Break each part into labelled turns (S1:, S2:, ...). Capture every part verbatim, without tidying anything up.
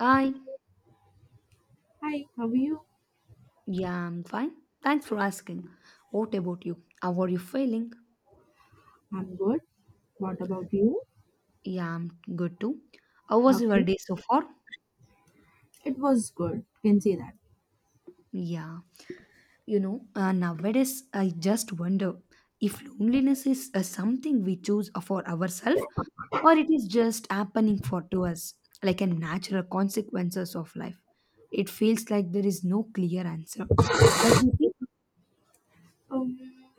S1: I,
S2: Hi, how are you?
S1: yeah, I'm fine. Thanks for asking. What about you? How are you feeling?
S2: I'm good. What about you?
S1: Yeah, I'm good too. How was your
S2: Okay.
S1: day so far?
S2: It was good. Can say that.
S1: Yeah, you know, uh, nowadays I just wonder if loneliness is uh, something we choose for ourselves or it is just happening for to us, like a natural consequences of life. It feels like there is no clear answer. What do you think?
S2: Um,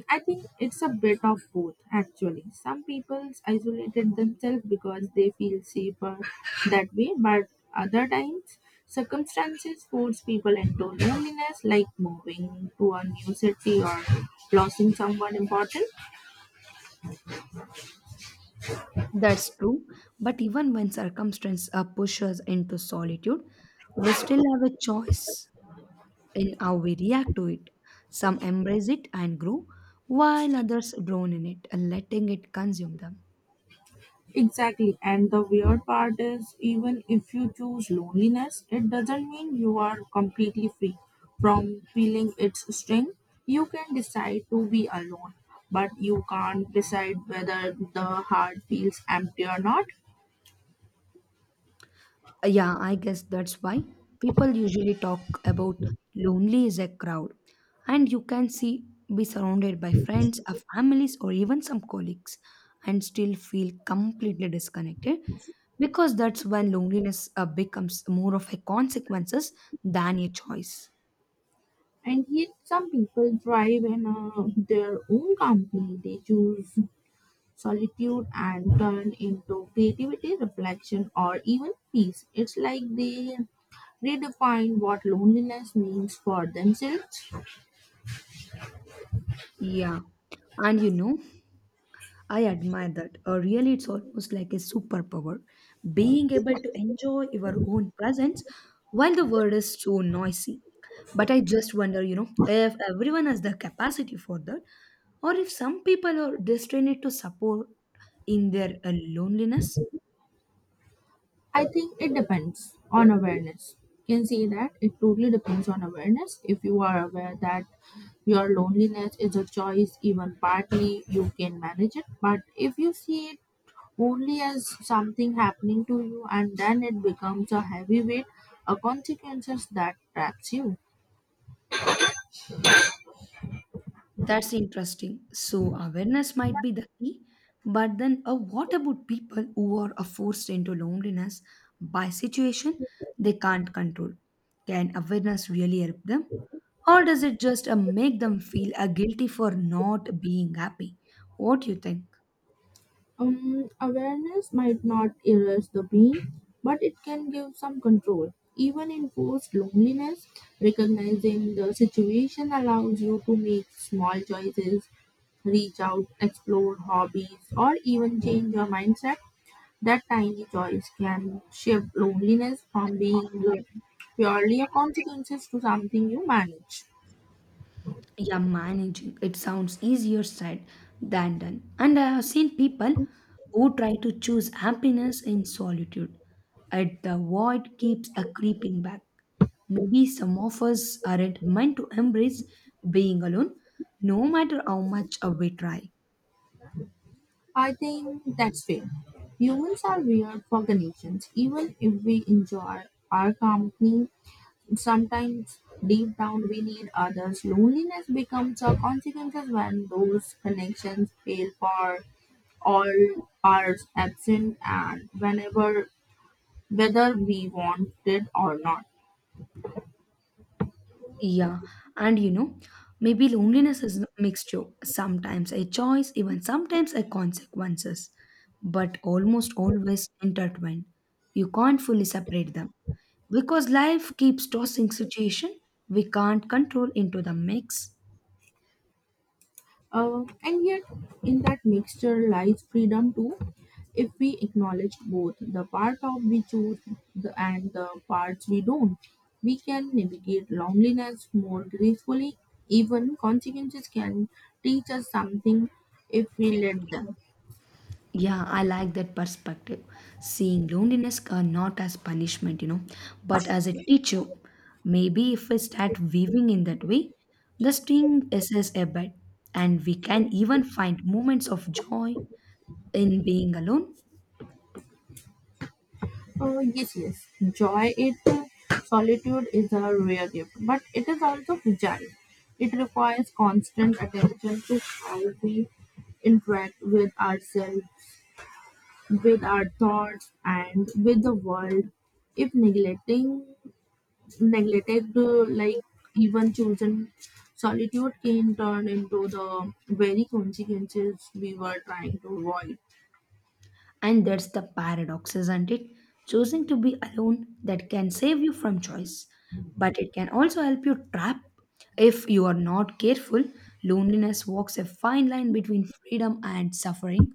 S2: I think it's a bit of both actually. Some people isolated themselves because they feel safer that way, but other times circumstances force people into loneliness, like moving to a new city or losing someone important.
S1: That's true, but even when circumstance uh, push us into solitude, we still have a choice in how we react to it. Some embrace it and grow, while others drown in it, letting it consume them.
S2: Exactly. And the weird part is, even if you choose loneliness, it doesn't mean you are completely free from feeling its sting. You can decide to be alone, but you can't decide whether the heart feels empty or not.
S1: Uh, Yeah, I guess that's why people usually talk about lonely as a crowd. And you can see be surrounded by friends, or families, or even some colleagues and still feel completely disconnected because that's when loneliness uh, becomes more of a consequences than a choice.
S2: And yet, some people thrive in uh, their own company. They choose solitude and turn into creativity, reflection, or even peace. It's like they redefine what loneliness means for themselves.
S1: Yeah. And you know, I admire that. Uh, really, it's almost like a superpower. Being able to enjoy your own presence while the world is so noisy. But I just wonder, you know, if everyone has the capacity for that, or if some people are destined to support in their uh, loneliness.
S2: I think it depends on awareness. You can say that it totally depends on awareness. If you are aware that your loneliness is a choice, even partly, you can manage it. But if you see it only as something happening to you and then it becomes a heavy weight, a consequences that traps you.
S1: That's interesting. So, awareness might be the key, but then uh, what about people who are uh, forced into loneliness by situation they can't control? Can awareness really help them? Or does it just uh, make them feel uh, guilty for not being happy? What do you think?
S2: Um, awareness might not erase the being, but it can give some control. Even in forced loneliness, recognizing the situation allows you to make small choices, reach out, explore hobbies, or even change your mindset. That tiny choice can shift loneliness from being purely a consequence to something you manage.
S1: Yeah, managing it sounds easier said than done, and I have seen people who try to choose happiness in solitude at the void keeps a creeping back. Maybe some of us aren't meant to embrace being alone no matter how much uh, we try.
S2: I think that's fair. Humans are weird for connections. Even if we enjoy our company, sometimes deep down we need others. Loneliness becomes a consequence when those connections fail for all are absent and whenever whether we want it or not.
S1: Yeah, and you know, maybe loneliness is a mixture, sometimes a choice, even sometimes a consequences, but almost always intertwined. You can't fully separate them because life keeps tossing situation we can't control into the mix.
S2: Uh, and yet, in that mixture lies freedom too. If we acknowledge both the part of we choose the, and the parts we don't, we can navigate loneliness more gracefully. Even consequences can teach us something if we let them.
S1: Yeah, I like that perspective. Seeing loneliness uh, not as punishment, you know, but as a teacher. Maybe if we start weaving in that way, the string is is a bed, and we can even find moments of joy in being alone.
S2: Uh, yes, yes, joy it solitude is a rare gift, but it is also fragile. It requires constant attention to how we interact with ourselves with our thoughts and with the world if neglecting neglected uh, like even chosen solitude can turn into the very consequences we were trying to avoid.
S1: And that's the paradox, isn't it? Choosing to be alone that can save you from choice, but it can also help you trap if you are not careful. Loneliness walks a fine line between freedom and suffering.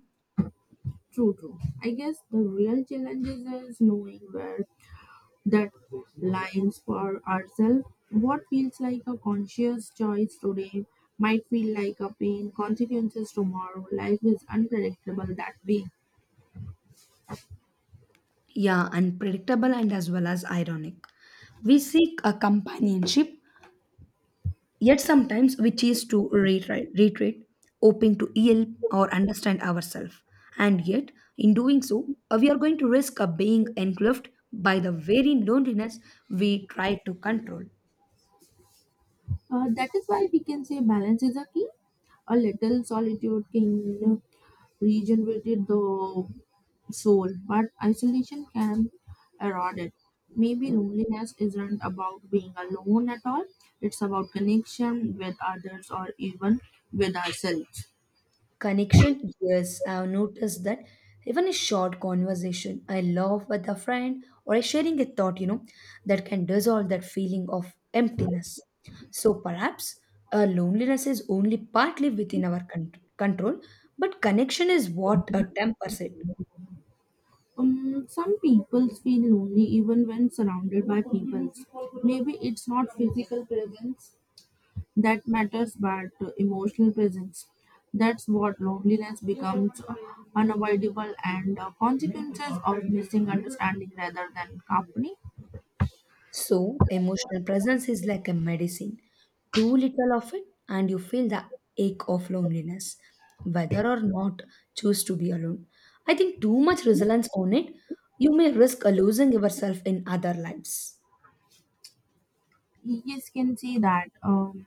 S2: True, true, I guess the real challenge is is knowing where that lines for ourselves. What feels like a conscious choice today might feel like a pain consequences tomorrow. Life is unpredictable that way.
S1: Yeah, unpredictable and as well as ironic. We seek a companionship, yet sometimes we choose to retreat, retreat hoping to heal or understand ourselves. And yet, in doing so, uh, we are going to risk uh, being engulfed by the very loneliness we try to control.
S2: Uh, that is why we can say balance is a key. A little solitude can regenerate the soul, but isolation can erode it. Maybe loneliness isn't about being alone at all, it's about connection with others or even with ourselves.
S1: Connection, yes, I've noticed that even a short conversation I love with a friend or a sharing a thought, you know, that can dissolve that feeling of emptiness. So perhaps uh, loneliness is only partly within our con- control, but connection is what uh, tempers it.
S2: Um, some people feel lonely even when surrounded by people. Maybe it's not physical presence that matters but emotional presence. That's what loneliness becomes unavoidable and uh, consequences of missing understanding rather than company.
S1: So, emotional presence is like a medicine. Too little of it, and you feel the ache of loneliness, whether or not choose to be alone. I think too much resilience on it, you may risk a losing yourself in other lives.
S2: Yes, can see that. Um,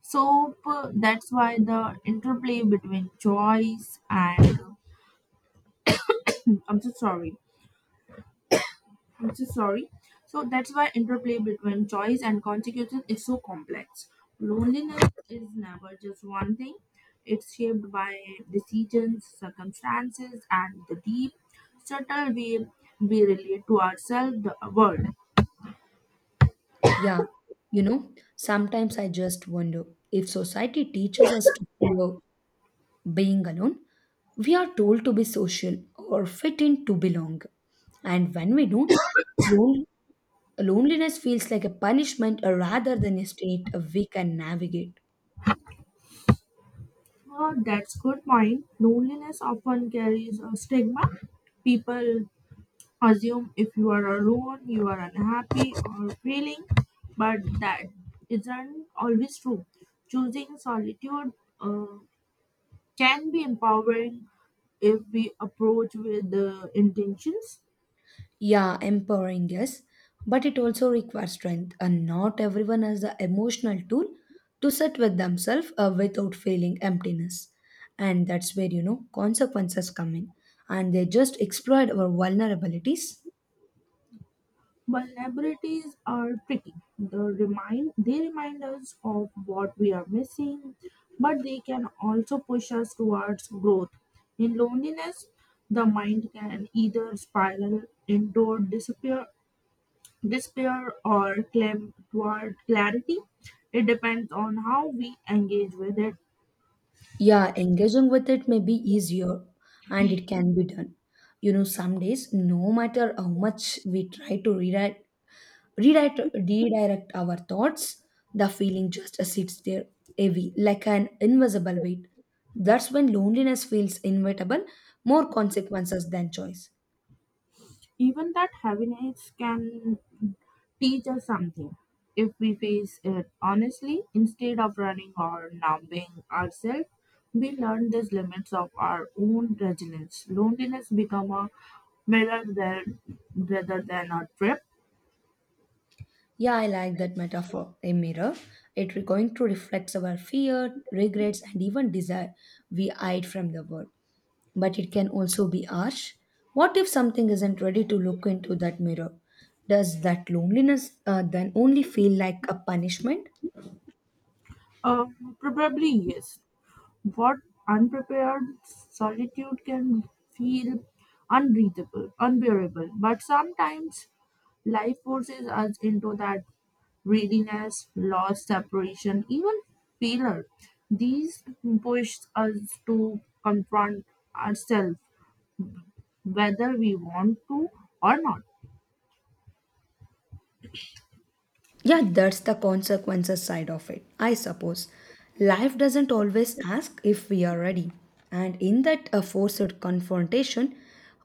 S2: so uh, that's why the interplay between choice and I'm so sorry, I'm so sorry. So that's why interplay between choice and consequences is so complex. Loneliness is never just one thing. It's shaped by decisions, circumstances, and the deep, subtle way we relate to ourselves, the world.
S1: Yeah, you know, sometimes I just wonder if society teaches us to fear being alone, we are told to be social or fit in to belong. And when we don't, loneliness feels like a punishment uh, rather than a state uh, we can navigate.
S2: Well, that's good point. Loneliness often carries a stigma. People assume if you are alone, you are unhappy or failing, but that isn't always true. Choosing solitude uh, can be empowering if we approach with the intentions.
S1: Yeah, empowering, yes, but it also requires strength, and not everyone has the emotional tool to sit with themselves uh, without feeling emptiness. And that's where, you know, consequences come in, and they just exploit our vulnerabilities.
S2: Vulnerabilities are tricky. The remind they remind us of what we are missing, but they can also push us towards growth. In loneliness, the mind can either spiral into disappear despair, or claim toward clarity. It depends on how we engage with it.
S1: Yeah, engaging with it may be easier, and it can be done. You know, some days, no matter how much we try to rewrite redirect, redirect our thoughts, the feeling just sits there heavy, like an invisible weight. That's when loneliness feels inevitable, more consequences than choice.
S2: Even that heaviness can teach us something if we face it honestly instead of running or numbing ourselves. We learn these limits of our own resilience. Loneliness become a mirror there rather than a trip.
S1: Yeah, I like that metaphor. A mirror. It re- going to reflect our fear, regrets, and even desire we hide from the world. But it can also be harsh. What if something isn't ready to look into that mirror? Does that loneliness uh, then only feel like a punishment?
S2: Uh, probably yes. What unprepared solitude can feel unbreathable, unbearable. But sometimes life forces us into that readiness, loss, separation, even failure. These push us to confront ourselves, whether we want to or not.
S1: Yeah, that's the consequences side of it, I suppose. Life doesn't always ask if we are ready, and in that uh, forced confrontation,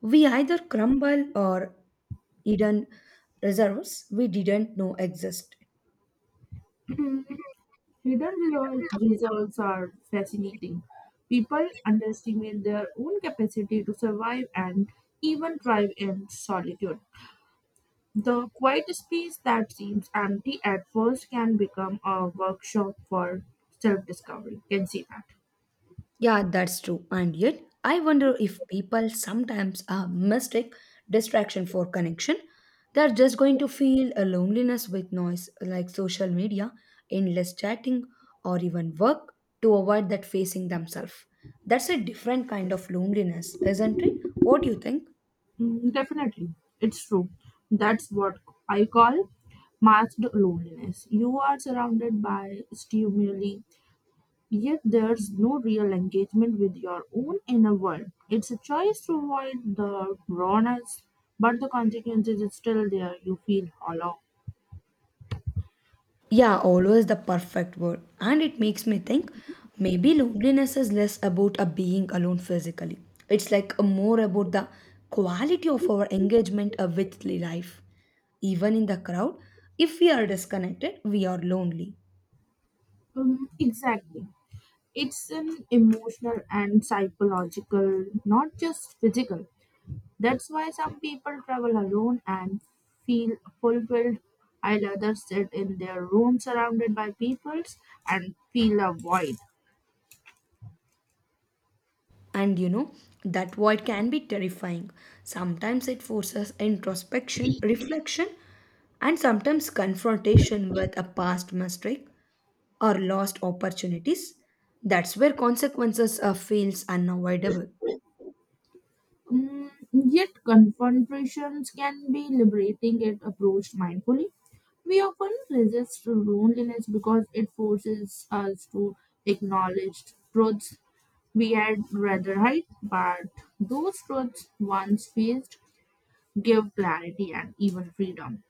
S1: we either crumble or hidden reserves we didn't know exist.
S2: Hidden resol- results are fascinating. People underestimate their own capacity to survive and even thrive in solitude. The quiet space that seems empty at first can become a workshop for self discovery. Can see that.
S1: Yeah, that's true. And yet, I wonder if people sometimes uh, mistake distraction for connection. They're just going to feel a loneliness with noise like social media, endless chatting, or even work to avoid that facing themselves. That's a different kind of loneliness, isn't it? What do you think?
S2: Mm, definitely. It's true. That's what I call masked loneliness. You are surrounded by stimuli, yet there's no real engagement with your own inner world. It's a choice to avoid the rawness, but the consequences is still there. You feel hollow.
S1: Yeah, always the perfect word. And it makes me think maybe loneliness is less about a being alone physically. It's like more about the quality of our engagement uh, with life. Even in the crowd, if we are disconnected, we are lonely.
S2: Um, exactly. It's an emotional and psychological, not just physical. That's why some people travel alone and feel fulfilled, while others sit in their room surrounded by peoples and feel a void.
S1: And you know, that void can be terrifying. Sometimes it forces introspection, reflection, and sometimes confrontation with a past mistake or lost opportunities. That's where consequences uh, feels unavoidable.
S2: Mm, yet confrontations can be liberating if approached mindfully. We often resist loneliness because it forces us to acknowledge truths we had rather hide, but those truths once faced give clarity and even freedom.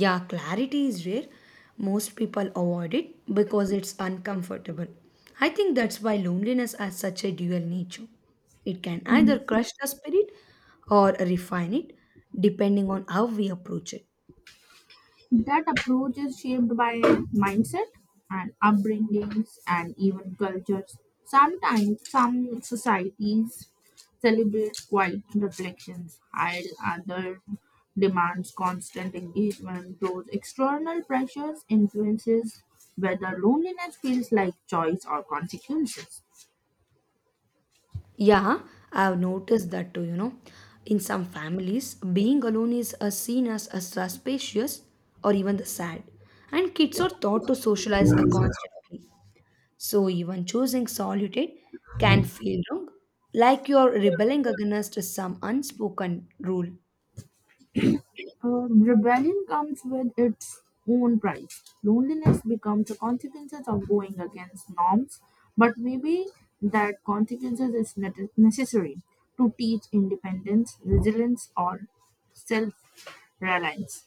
S1: Yeah, clarity is rare. Most people avoid it because it's uncomfortable. I think that's why loneliness has such a dual nature. It can either crush the spirit or refine it depending on how we approach it.
S2: That approach is shaped by mindset and upbringings and even cultures. Sometimes some societies celebrate quiet reflections, while others demands constant engagement. Those external pressures influences whether loneliness feels like choice or consequences.
S1: Yeah, I've noticed that too, you know. In some families, being alone is uh, seen as uh, suspicious or even the sad, and kids are taught to socialize uh, constantly. So even choosing solitude can feel wrong, like you're rebelling against some unspoken rule.
S2: Uh, rebellion comes with its own price. Loneliness becomes a consequence of going against norms, but maybe that consequences is ne- necessary to teach independence, resilience, or self-reliance.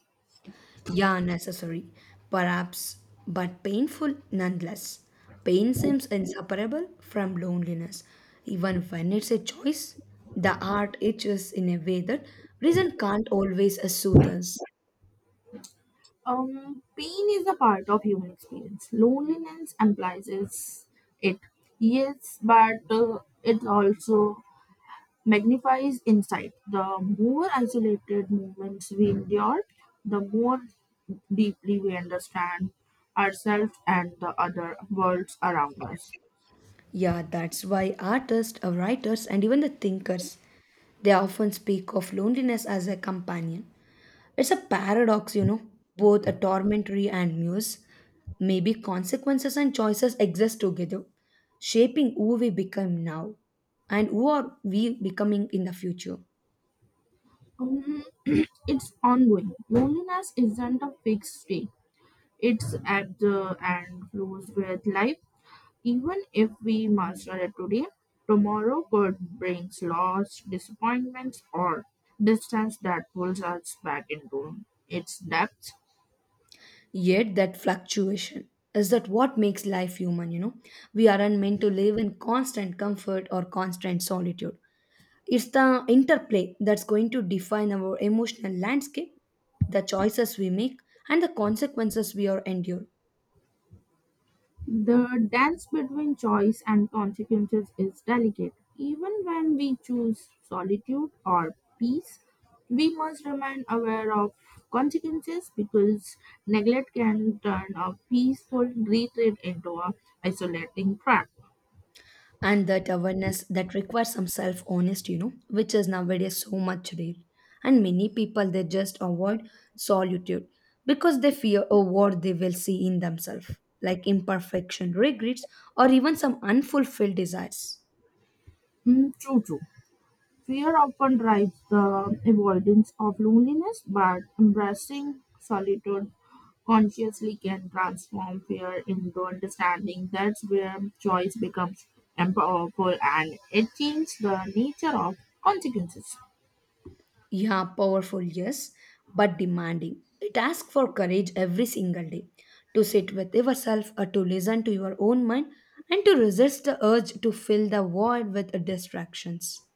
S1: Yeah, necessary, perhaps, but painful nonetheless. Pain seems inseparable from loneliness. Even when it's a choice, the heart itches in a way that reason can't always uh, soothe us.
S2: Um, pain is a part of human experience. Loneliness implies is it. Yes, but uh, it also magnifies insight. The more isolated moments we endure, the more deeply we understand ourselves and the other worlds around us.
S1: Yeah, that's why artists, uh, writers, and even the thinkers, they often speak of loneliness as a companion. It's a paradox, you know, both a tormentary and muse. Maybe consequences and choices exist together, shaping who we become now and who are we becoming in the future.
S2: Um, it's ongoing. Loneliness isn't a fixed state. It's at the and flows with life. Even if we master it today, tomorrow could bring loss, disappointments, or distance that pulls us back into its depths.
S1: Yet that fluctuation is that what makes life human, you know. We aren't meant to live in constant comfort or constant solitude. It's the interplay that's going to define our emotional landscape, the choices we make, and the consequences we are endure.
S2: The dance between choice and consequences is delicate. Even when we choose solitude or peace, we must remain aware of consequences because neglect can turn a peaceful retreat into a isolating trap.
S1: And that awareness that requires some self honesty, you know, which is nowadays so much rare, and many people they just avoid solitude because they fear a what they will see in themselves like imperfection, regrets, or even some unfulfilled desires.
S2: Mm, true, true. Fear often drives the avoidance of loneliness, but embracing solitude consciously can transform fear into understanding. That's where choice becomes empowerful and it changes the nature of consequences.
S1: Yeah, powerful, yes, but demanding. It asks for courage every single day to sit with yourself or to listen to your own mind and to resist the urge to fill the void with distractions.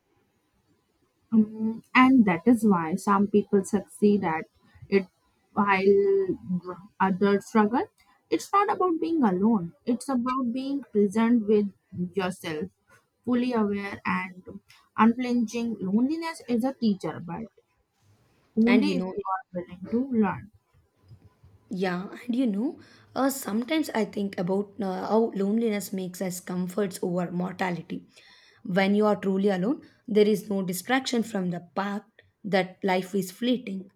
S2: Um, and that is why some people succeed at it while others struggle. It's not about being alone, it's about being present with yourself, fully aware and unflinching. Loneliness is a teacher, but
S1: and you
S2: only if
S1: know
S2: you are willing to learn.
S1: Yeah, and you know, uh, sometimes I think about uh, how loneliness makes us comforts over mortality. When you are truly alone, there is no distraction from the fact that life is fleeting.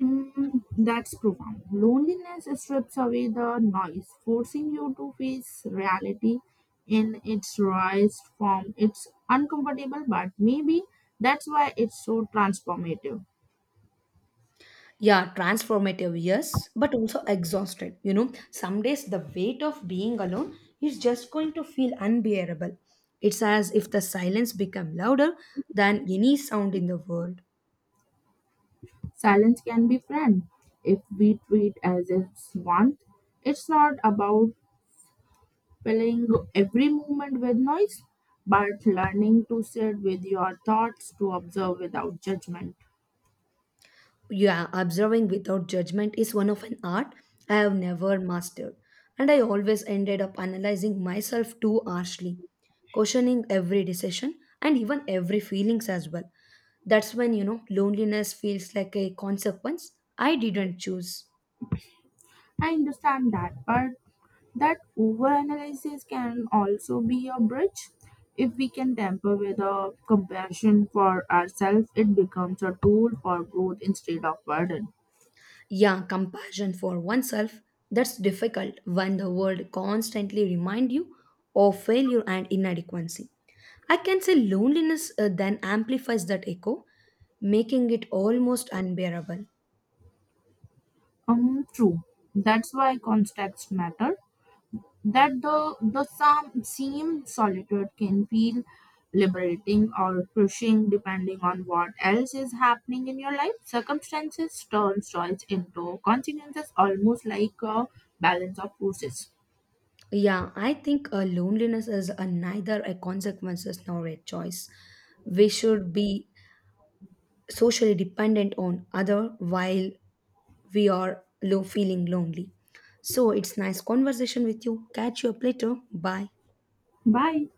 S2: Mm, that's profound. Loneliness strips away the noise, forcing you to face reality in its rawest form. It's uncomfortable, but maybe that's why it's so transformative.
S1: Yeah, transformative, yes, but also exhausted. You know, some days the weight of being alone is just going to feel unbearable. It's as if the silence become louder than any sound in the world.
S2: Silence can be friend if we treat as it's one. It's not about filling every moment with noise, but learning to sit with your thoughts to observe without judgment.
S1: Yeah, observing without judgment is one of an art I have never mastered, and I always ended up analyzing myself too harshly, questioning every decision and even every feelings as well. That's when, you know, loneliness feels like a consequence I didn't choose.
S2: I understand that, but that overanalysis can also be a bridge. If we can temper with a compassion for ourselves, it becomes a tool for growth instead of burden.
S1: Yeah, compassion for oneself, that's difficult when the world constantly remind you of failure and inadequacy. I can say loneliness uh, then amplifies that echo, making it almost unbearable.
S2: Um, true. That's why context matter. That the the some same solitude can feel liberating or crushing depending on what else is happening in your life. Circumstances turn choice into consequences, almost like a balance of forces.
S1: Yeah, I think uh, loneliness is a neither a consequences nor a choice. We should be socially dependent on other while we are low feeling lonely. So it's nice conversation with you. Catch you up later. Bye.
S2: Bye.